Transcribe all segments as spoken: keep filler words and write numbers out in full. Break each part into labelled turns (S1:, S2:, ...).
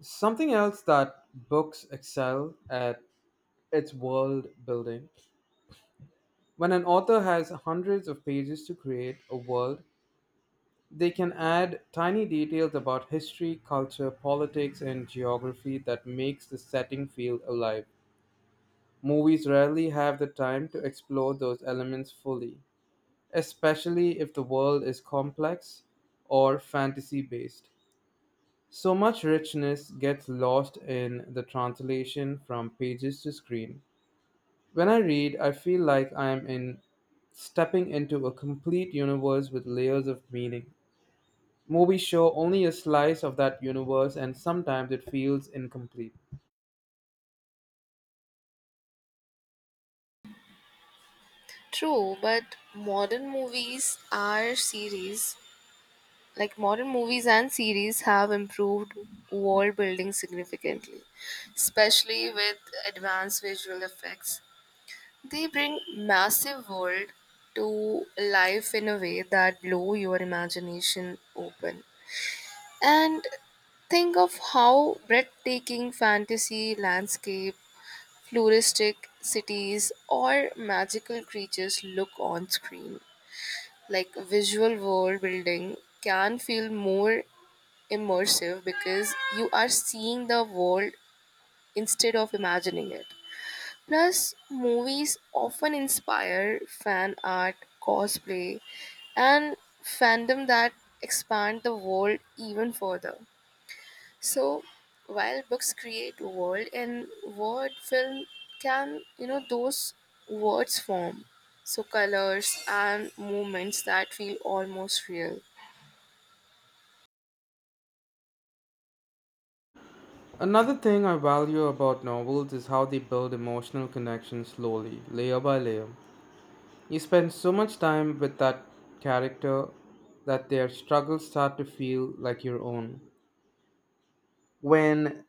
S1: Something else that books excel at its world building. When an author has hundreds of pages to create a world, they can add tiny details about history, culture, politics, and geography that makes the setting feel alive. Movies rarely have the time to explore those elements fully, especially if the world is complex or fantasy based. So much richness gets lost in the translation from pages to screen. When I read, I feel like I am in stepping into a complete universe with layers of meaning. Movies show only a slice of that universe and sometimes it feels incomplete.
S2: True, but modern movies are series like modern movies and series have improved world building significantly, especially with advanced visual effects. They bring massive world to life in a way that blow your imagination open. And Think of how breathtaking fantasy landscape, futuristic cities or magical creatures look on screen like visual world building can feel more immersive because you are seeing the world instead of imagining it. Plus, movies often inspire fan art, cosplay, and fandom that expand the world even further. So, while books create world and word film can, you know, those words form. So, colors and movements that feel almost real.
S1: Another thing I value about novels is how they build emotional connection slowly, layer by layer. You spend so much time with that character that their struggles start to feel like your own. When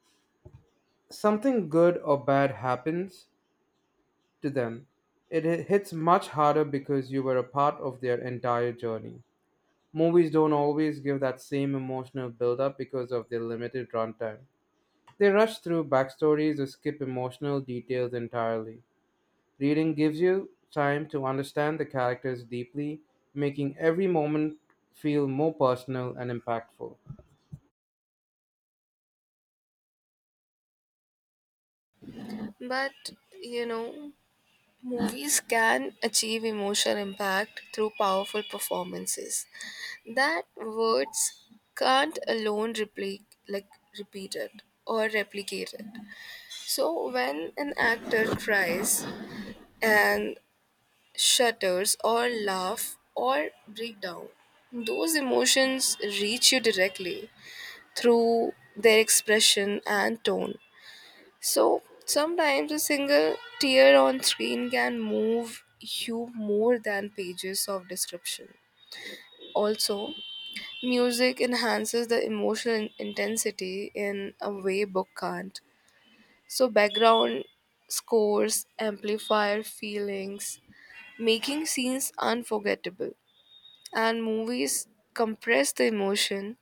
S1: something good or bad happens, to them, it hi- hits much harder because you were a part of their entire journey. Movies don't always give that same emotional build-up because of their limited runtime. They rush through backstories or skip emotional details entirely. Reading gives you time to understand the characters deeply, making every moment feel more personal and impactful.
S2: But, you know, movies can achieve emotional impact through powerful performances that words can't alone repli- like repeat it or replicate it. So when an actor cries and shudders or laugh or break down, those emotions reach you directly through their expression and tone. So sometimes a single tear on screen can move you more than pages of description. Also, music enhances the emotional in- intensity in a way book can't. So, background scores amplify feelings, making scenes unforgettable. And movies compress the emotion,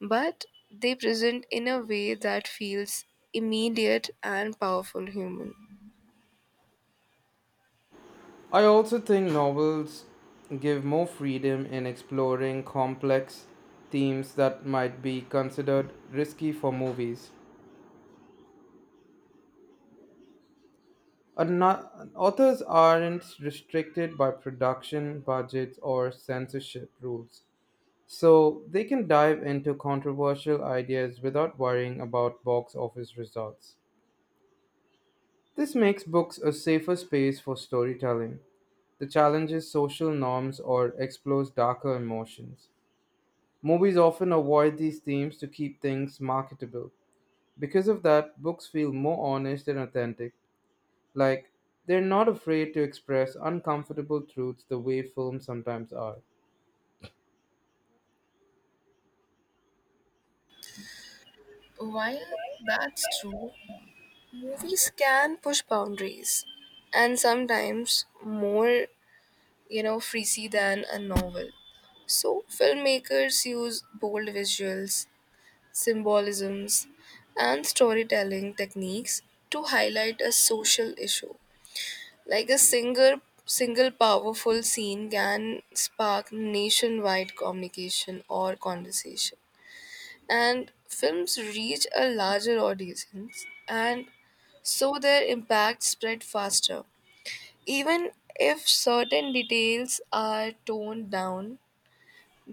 S2: but they present in a way that feels immediate and powerful human.
S1: I also think novels give more freedom in exploring complex themes that might be considered risky for movies. And not- Authors aren't restricted by production budgets or censorship rules, so they can dive into controversial ideas without worrying about box office results. This makes books a safer space for storytelling that challenges social norms or explores darker emotions. Movies often avoid these themes to keep things marketable. Because of that, books feel more honest and authentic. Like, they're not afraid to express uncomfortable truths the way films sometimes are.
S2: While that's true, movies can push boundaries and sometimes more, you know, freaky than a novel. So filmmakers use bold visuals, symbolisms, and storytelling techniques to highlight a social issue. Like a single single powerful scene can spark nationwide communication or conversation, and films reach a larger audience, and so their impact spread faster, even if certain details are toned down,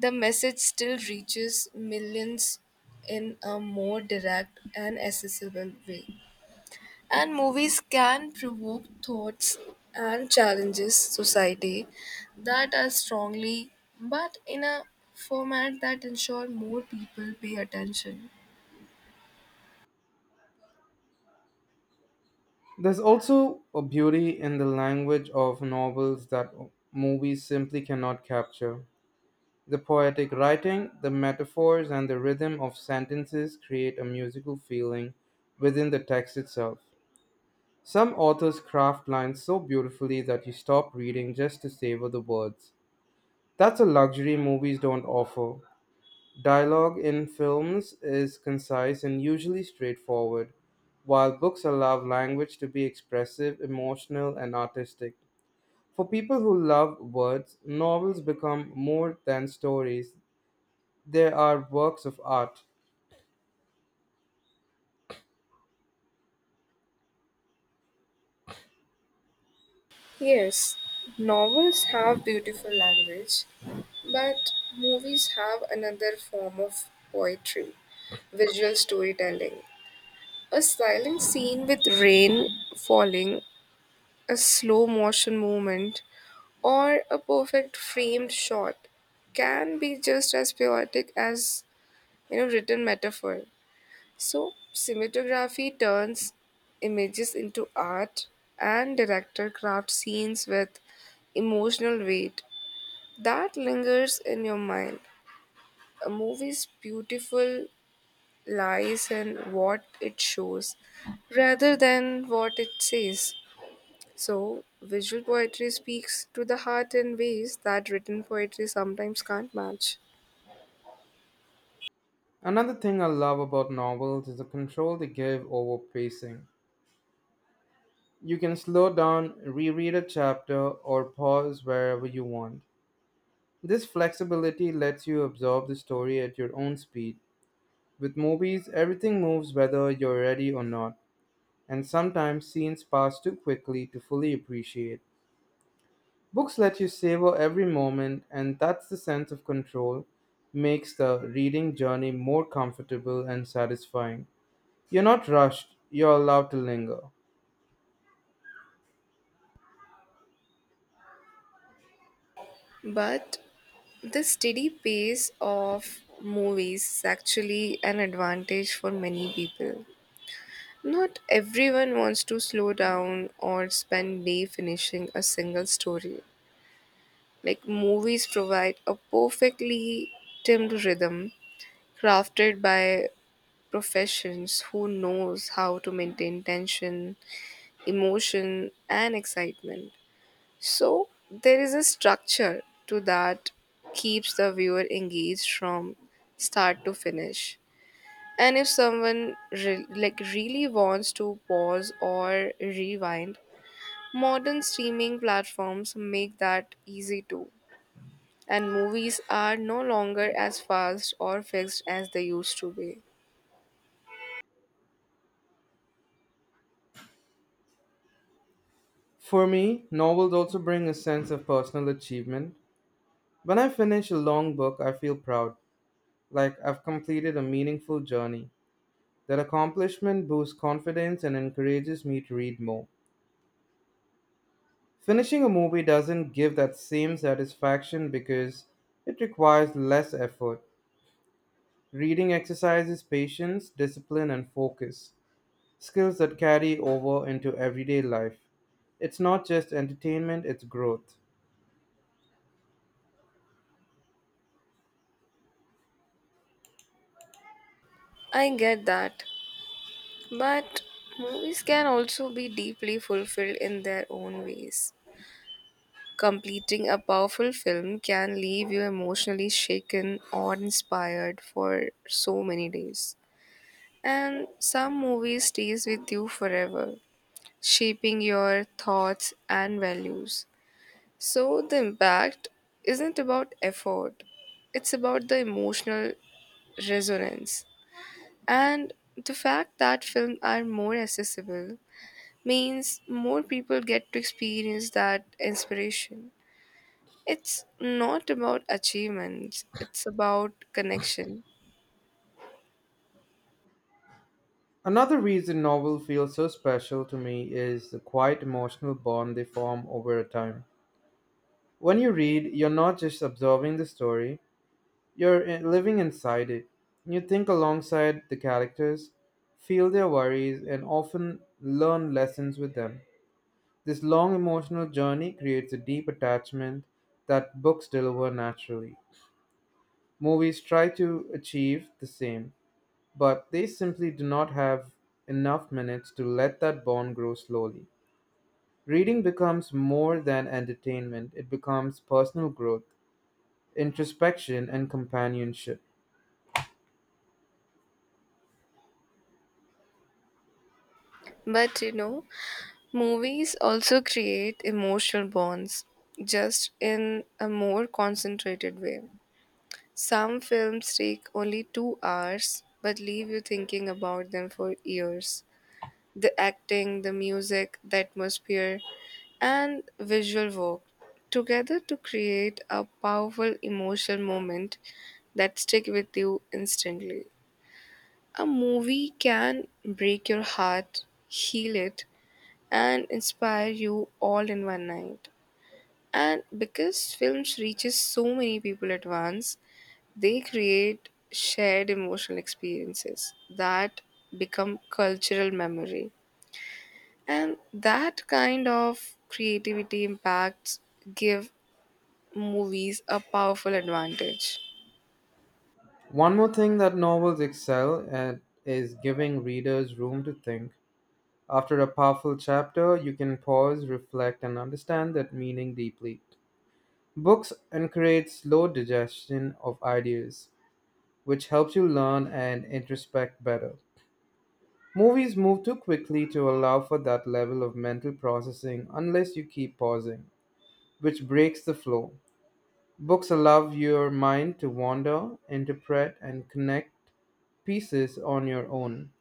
S2: the message still reaches millions in a more direct and accessible way, and movies can provoke thoughts and challenges society that are strongly but in a format that ensure more people pay attention.
S1: There's also a beauty in the language of novels that movies simply cannot capture. The poetic writing, the metaphors, and the rhythm of sentences create a musical feeling within the text itself. Some authors craft lines so beautifully that you stop reading just to savor the words. That's a luxury movies don't offer. Dialogue in films is concise and usually straightforward, while books allow language to be expressive, emotional, and artistic. For people who love words, novels become more than stories, they are works of art.
S2: Yes, novels have beautiful language, but movies have another form of poetry, visual storytelling. A silent scene with rain falling, a slow motion movement, or a perfect framed shot can be just as poetic as you know written metaphor. So cinematography turns images into art and director crafts scenes with emotional weight that lingers in your mind. A movie's beautiful lies in what it shows rather than what it says. So, visual poetry speaks to the heart in ways that written poetry sometimes can't match.
S1: Another thing I love about novels is the control they give over pacing. You can slow down, reread a chapter, or pause wherever you want. This flexibility lets you absorb the story at your own speed. With movies, everything moves whether you're ready or not, and sometimes scenes pass too quickly to fully appreciate. Books let you savor every moment, and that's the sense of control makes the reading journey more comfortable and satisfying. You're not rushed, you're allowed to linger.
S2: But the steady pace of movies is actually an advantage for many people. Not everyone wants to slow down or spend day finishing a single story. Like movies provide a perfectly timed rhythm crafted by professions who knows how to maintain tension, emotion and excitement. So there is a structure to that keeps the viewer engaged from start to finish. And if someone re- like really wants to pause or rewind, modern streaming platforms make that easy too, and movies are no longer as fast or fixed as they used to be.
S1: For me, novels also bring a sense of personal achievement. When I finish a long book, I feel proud, like I've completed a meaningful journey. That accomplishment boosts confidence and encourages me to read more. Finishing a movie doesn't give that same satisfaction because it requires less effort. Reading exercises patience, discipline, and focus, skills that carry over into everyday life. It's not just entertainment, it's growth.
S2: I get that, but movies can also be deeply fulfilled in their own ways. Completing a powerful film can leave you emotionally shaken or inspired for so many days. And some movies stays with you forever, shaping your thoughts and values. So the impact isn't about effort. It's about the emotional resonance. And the fact that films are more accessible means more people get to experience that inspiration. It's not about achievements, it's about connection.
S1: Another reason novels feel so special to me is the quiet emotional bond they form over a time. When you read, you're not just observing the story, you're i- living inside it. You think alongside the characters, feel their worries, and often learn lessons with them. This long emotional journey creates a deep attachment that books deliver naturally. Movies try to achieve the same but they simply do not have enough minutes to let that bond grow slowly. Reading becomes more than entertainment, it becomes personal growth, introspection, and companionship.
S2: But you know, movies also create emotional bonds, just in a more concentrated way. Some films take only two hours but leave you thinking about them for years. The acting, the music, the atmosphere, and visual work together to create a powerful emotional moment that stick with you instantly. A movie can break your heart, heal it, and inspire you all in one night. And because films reaches so many people at once, they create shared emotional experiences that become cultural memory, and that kind of creativity impacts give movies a powerful advantage.
S1: One more thing that novels excel at is giving readers room to think. After a powerful chapter, you can pause, reflect, and understand that meaning deeply. Books encourage slow digestion of ideas, which helps you learn and introspect better. Movies move too quickly to allow for that level of mental processing unless you keep pausing, which breaks the flow. Books allow your mind to wander, interpret, and connect pieces on your own.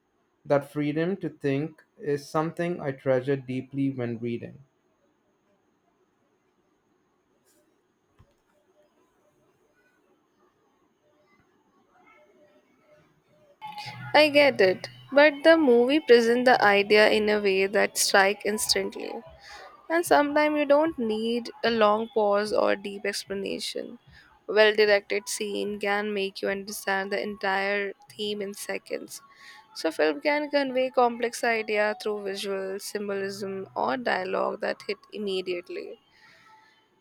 S1: That freedom to think is something I treasure deeply when reading.
S2: I get it, but the movie presents the idea in a way that strike instantly. And sometimes you don't need a long pause or deep explanation. Well directed scene can make you understand the entire theme in seconds. So film can convey complex idea through visual symbolism or dialogue that hit immediately.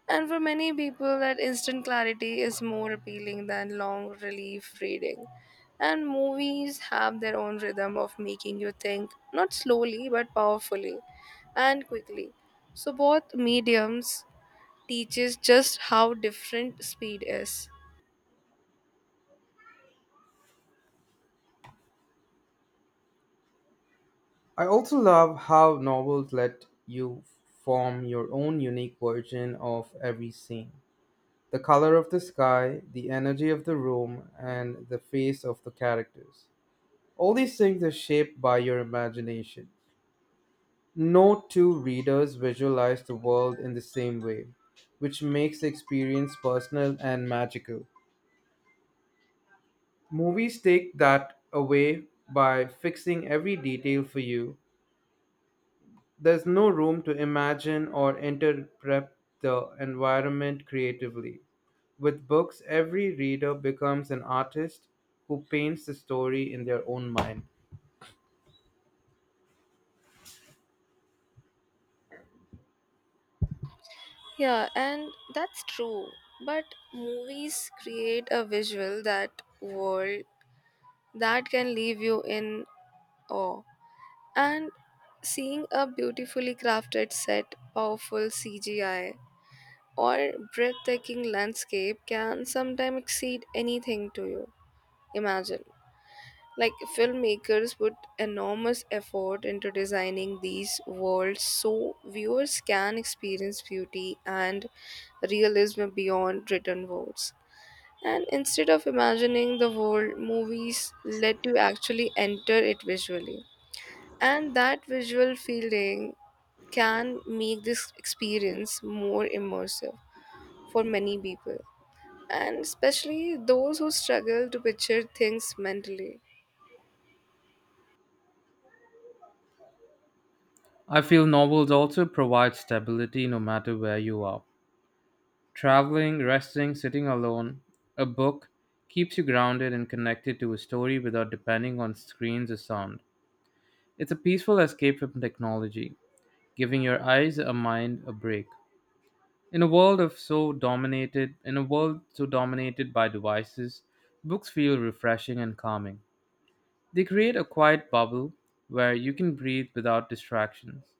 S2: And for many people, that instant clarity is more appealing than long relief reading. And movies have their own rhythm of making you think, not slowly, but powerfully and quickly. So both mediums teaches just how different speed is.
S1: I also love how novels let you form your own unique version of every scene. The color of the sky, the energy of the room, and the face of the characters. All these things are shaped by your imagination. No two readers visualize the world in the same way, which makes the experience personal and magical. Movies take that away by fixing every detail for you. There's no room to imagine or interpret the environment creatively. With books, every reader becomes an artist who paints the story in their own mind.
S2: Yeah, and that's true. But movies create a visual that world that can leave you in awe. And seeing a beautifully crafted set, powerful C G I, or breathtaking landscape can sometimes exceed anything to you. Imagine. Like filmmakers put enormous effort into designing these worlds so viewers can experience beauty and realism beyond written words. And instead of imagining the world, movies let you actually enter it visually. And that visual feeling can make this experience more immersive for many people, and especially those who struggle to picture things mentally.
S1: I feel novels also provide stability no matter where you are. Traveling, resting, sitting alone, a book keeps you grounded and connected to a story without depending on screens or sound. It's a peaceful escape from technology, giving your eyes a mind a break. In a world of so dominated, in a world so dominated by devices, books feel refreshing and calming. They create a quiet bubble where you can breathe without distractions.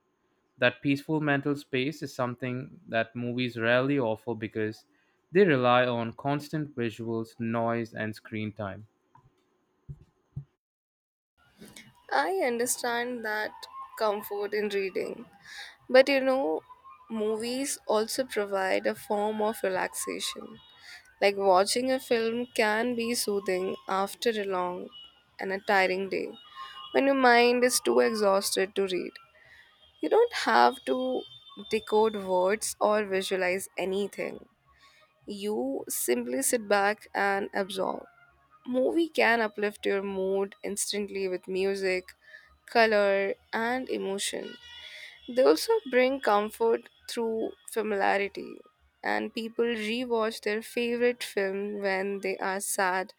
S1: That peaceful mental space is something that movies rarely offer because they rely on constant visuals, noise, and screen time.
S2: I understand that comfort in reading, but you know, movies also provide a form of relaxation. Like watching a film can be soothing after a long and a tiring day when your mind is too exhausted to read. You don't have to decode words or visualize anything. You simply sit back and absorb. Movie can uplift your mood instantly with music, color, and emotion. They also bring comfort through familiarity, and people rewatch their favorite film when they are sad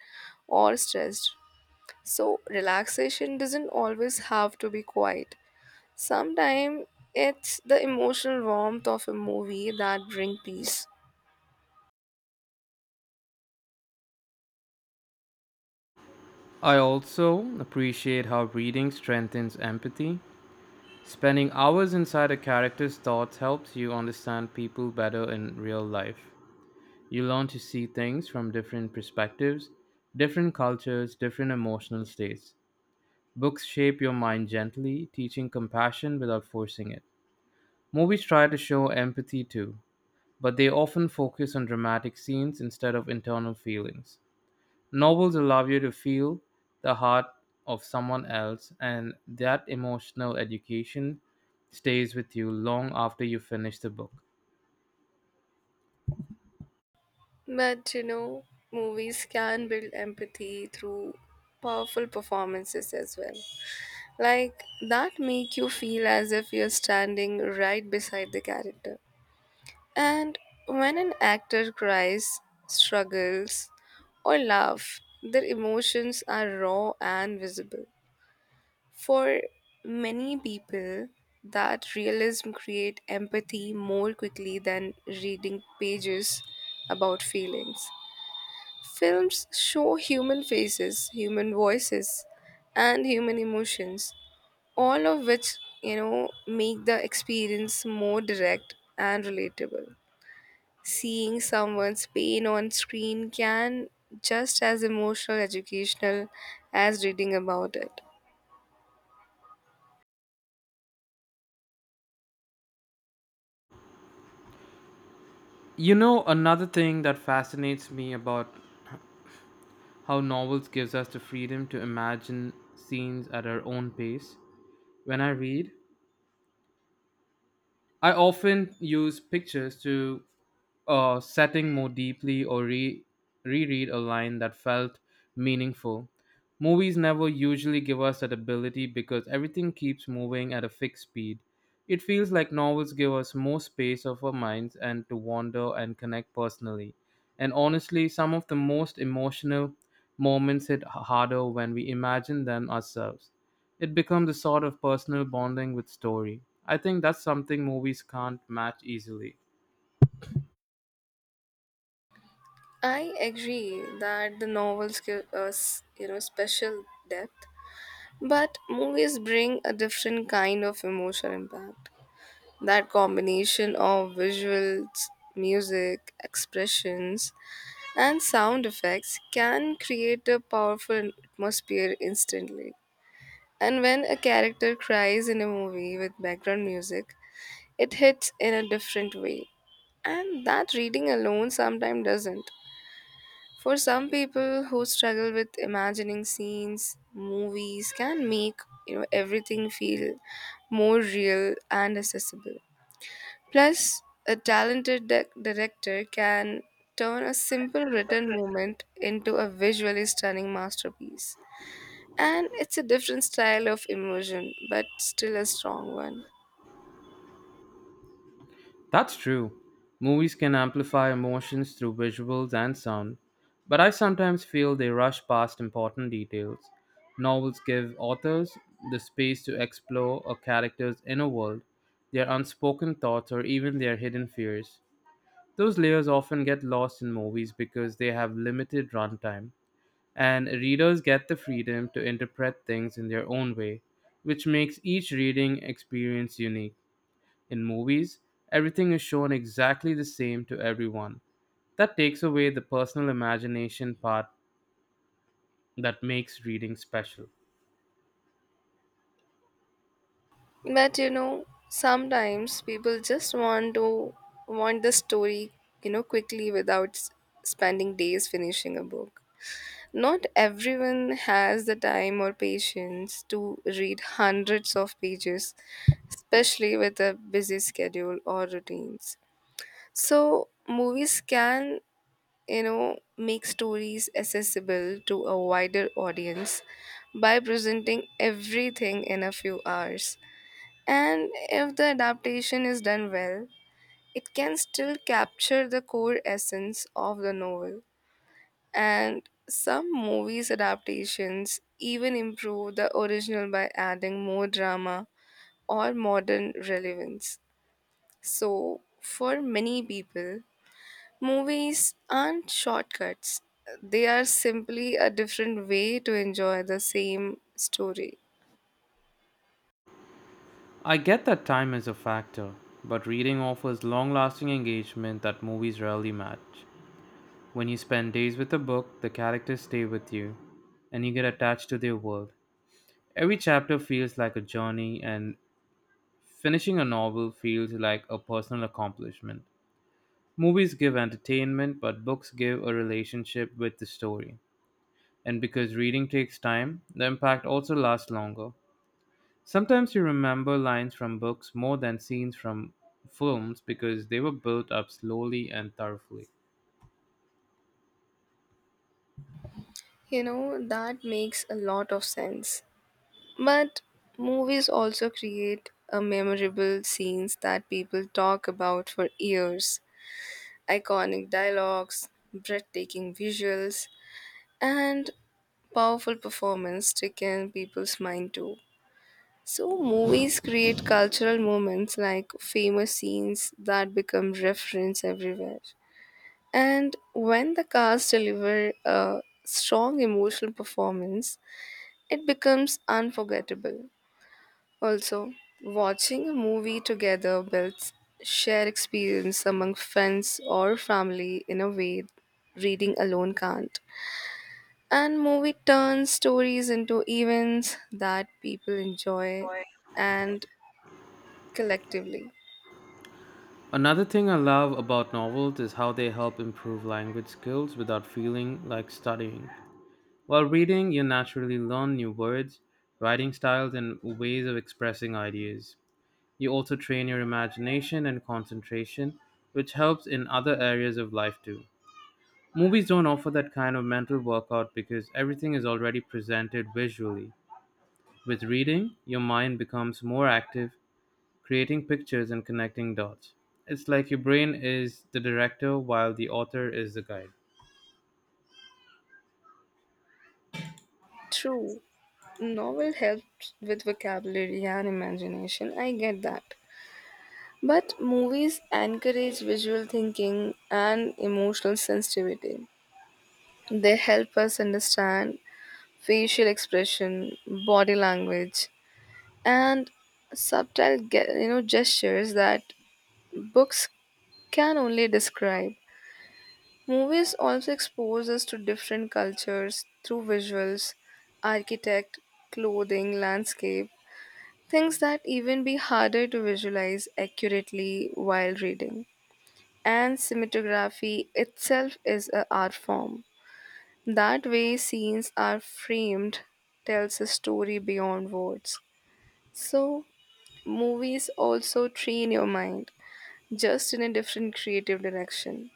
S2: or stressed. So, relaxation doesn't always have to be quiet. Sometimes it's the emotional warmth of a movie that bring peace.
S1: I also appreciate how reading strengthens empathy. Spending hours inside a character's thoughts helps you understand people better in real life. You learn to see things from different perspectives, different cultures, different emotional states. Books shape your mind gently, teaching compassion without forcing it. Movies try to show empathy too, but they often focus on dramatic scenes instead of internal feelings. Novels allow you to feel the heart of someone else, and that emotional education stays with you long after you finish the book.
S2: But you know, movies can build empathy through powerful performances as well. Like that make you feel as if you're standing right beside the character. And when an actor cries, struggles, or laughs, their emotions are raw and visible. For many people, that realism create empathy more quickly than reading pages about feelings. Films show human faces, human voices, and human emotions, all of which, you know, make the experience more direct and relatable. Seeing someone's pain on screen can just as emotional educational as reading about it.
S1: You know, another thing that fascinates me about how novels gives us the freedom to imagine scenes at our own pace. When I read, I often use pictures to uh, setting more deeply or re- reread a line that felt meaningful. Movies never usually give us that ability because everything keeps moving at a fixed speed. It feels like novels give us more space of our minds and to wander and connect personally. And honestly, some of the most emotional moments hit h- harder when we imagine them ourselves. It becomes a sort of personal bonding with story. I think that's something movies can't match easily.
S2: I agree that the novels give us, you know, special depth, but movies bring a different kind of emotional impact. That combination of visuals, music, expressions, and sound effects can create a powerful atmosphere instantly. And when a character cries in a movie with background music, it hits in a different way. And that reading alone sometimes doesn't. For some people who struggle with imagining scenes, movies can make you know everything feel more real and accessible. Plus, a talented di- director can turn a simple written moment into a visually stunning masterpiece. And it's a different style of immersion, but still a strong one.
S1: That's true. Movies can amplify emotions through visuals and sound, but I sometimes feel they rush past important details. Novels give authors the space to explore a character's inner world, their unspoken thoughts, or even their hidden fears. Those layers often get lost in movies because they have limited runtime, and readers get the freedom to interpret things in their own way, which makes each reading experience unique. In movies, everything is shown exactly the same to everyone. That takes away the personal imagination part that makes reading special.
S2: But you know, sometimes people just want to want the story, you know, quickly without s- spending days finishing a book. Not everyone has the time or patience to read hundreds of pages, especially with a busy schedule or routines. So, movies can, you know, make stories accessible to a wider audience by presenting everything in a few hours. And if the adaptation is done well, it can still capture the core essence of the novel. And some movies' adaptations even improve the original by adding more drama or modern relevance. So, for many people, movies aren't shortcuts, they are simply a different way to enjoy the same story.
S1: I get that time is a factor, but reading offers long lasting engagement that movies rarely match. When you spend days with a book, the characters stay with you, and you get attached to their world. Every chapter feels like a journey, and finishing a novel feels like a personal accomplishment. Movies give entertainment, but books give a relationship with the story. And because reading takes time, the impact also lasts longer. Sometimes you remember lines from books more than scenes from films because they were built up slowly and thoroughly.
S2: You know, that makes a lot of sense. But movies also create a memorable scenes that people talk about for years. Iconic dialogues, breathtaking visuals, and powerful performance stick in people's mind too. So movies create cultural moments like famous scenes that become reference everywhere. And when the cast deliver a strong emotional performance, it becomes unforgettable. Also, watching a movie together builds shared experience among friends or family in a way reading alone can't. And movie turns stories into events that people enjoy and collectively.
S1: Another thing I love about novels is how they help improve language skills without feeling like studying. While reading, you naturally learn new words, writing styles, and ways of expressing ideas. You also train your imagination and concentration, which helps in other areas of life too. Movies don't offer that kind of mental workout because everything is already presented visually. With reading, your mind becomes more active, creating pictures and connecting dots. It's like your brain is the director while the author is the guide.
S2: True, novel helps with vocabulary and imagination. I get that. But movies encourage visual thinking and emotional sensitivity. They help us understand facial expression, body language, and subtle ge- you know gestures that books can only describe. Movies also expose us to different cultures through visuals, architect, clothing, landscape, things that even be harder to visualize accurately while reading. And cinematography itself is an art form. That way, scenes are framed, tells a story beyond words. So, movies also train your mind, just in a different creative direction.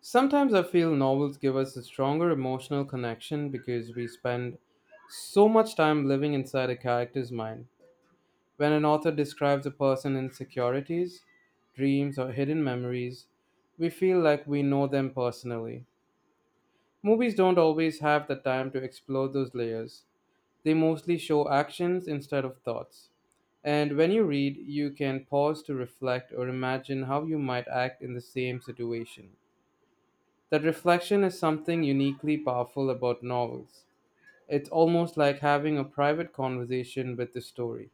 S1: Sometimes I feel novels give us a stronger emotional connection because we spend so much time living inside a character's mind. When an author describes a person's insecurities, dreams, or hidden memories, we feel like we know them personally. Movies don't always have the time to explore those layers, they mostly show actions instead of thoughts. And when you read, you can pause to reflect or imagine how you might act in the same situation. That reflection is something uniquely powerful about novels. It's almost like having a private conversation with the story.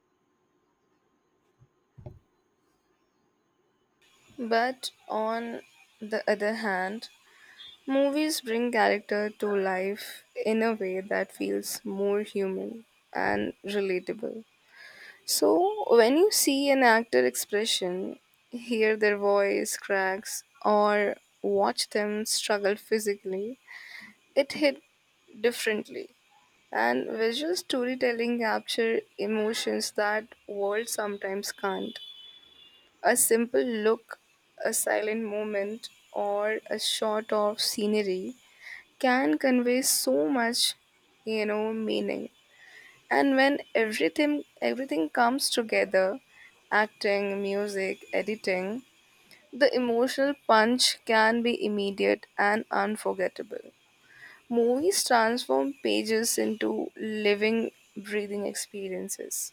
S2: But on the other hand, movies bring character to life in a way that feels more human and relatable. So, when you see an actor expression, hear their voice cracks, or watch them struggle physically, it hit differently. And visual storytelling capture emotions that words sometimes can't. A simple look, a silent moment, or a shot of scenery can convey so much, you know, meaning. And when everything everything comes together, acting, music, editing, the emotional punch can be immediate and unforgettable. Movies transform pages into living, breathing experiences.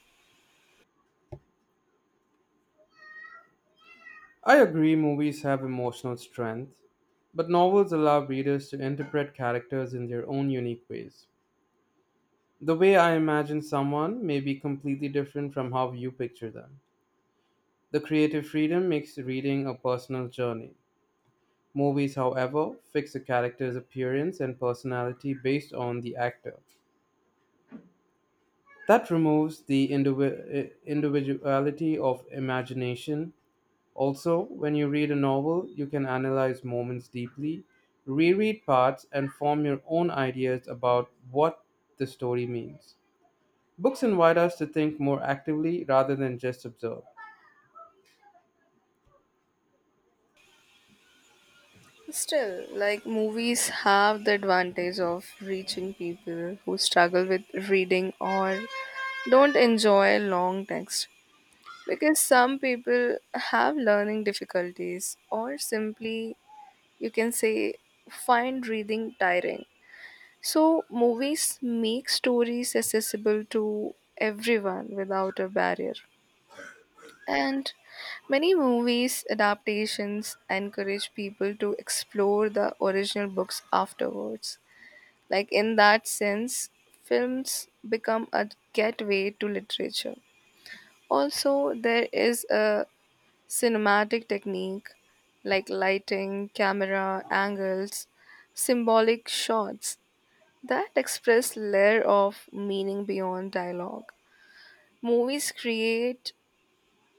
S1: I agree movies have emotional strength, but novels allow readers to interpret characters in their own unique ways. The way I imagine someone may be completely different from how you picture them. The creative freedom makes reading a personal journey. Movies, however, fix a character's appearance and personality based on the actor. That removes the indivi- eh, individuality of imagination. Also, when you read a novel, you can analyze moments deeply, reread parts, and form your own ideas about what the story means. Books invite us to think more actively rather than just observe.
S2: Still, like movies have the advantage of reaching people who struggle with reading or don't enjoy long text because some people have learning difficulties or simply you can say find reading tiring. So, movies make stories accessible to everyone without a barrier. And many movies adaptations encourage people to explore the original books afterwards. Like, in that sense, films become a gateway to literature. Also, there is a cinematic technique like lighting, camera angles, symbolic shots that express layer of meaning beyond dialogue. Movies create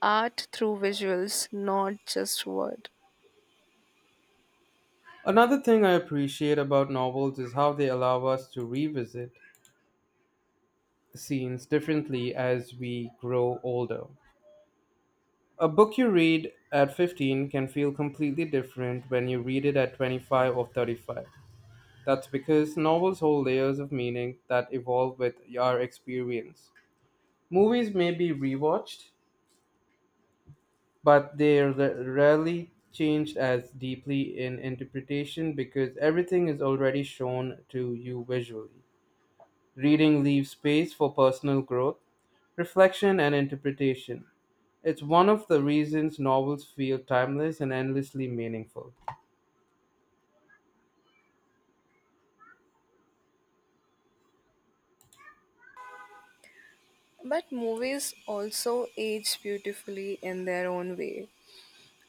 S2: art through visuals, not just word.
S1: Another thing I appreciate about novels is how they allow us to revisit scenes differently as we grow older. A book you read at fifteen can feel completely different when you read it at twenty-five or thirty-five. That's because novels hold layers of meaning that evolve with your experience. Movies may be rewatched, but they are ra- rarely changed as deeply in interpretation because everything is already shown to you visually. Reading leaves space for personal growth, reflection, and interpretation. It's one of the reasons novels feel timeless and endlessly meaningful.
S2: But movies also age beautifully in their own way.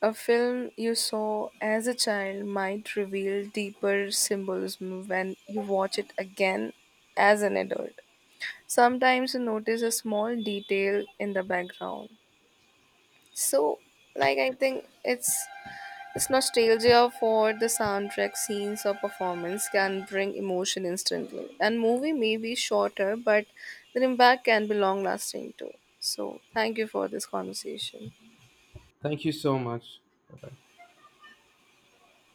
S2: A film you saw as a child might reveal deeper symbolism when you watch it again as an adult. Sometimes you notice a small detail in the background. So, like, I think it's It's nostalgia for the soundtrack, scenes, or performance can bring emotion instantly. And movie may be shorter, but the impact can be long lasting too. So, thank you for this conversation.
S1: Thank you so much.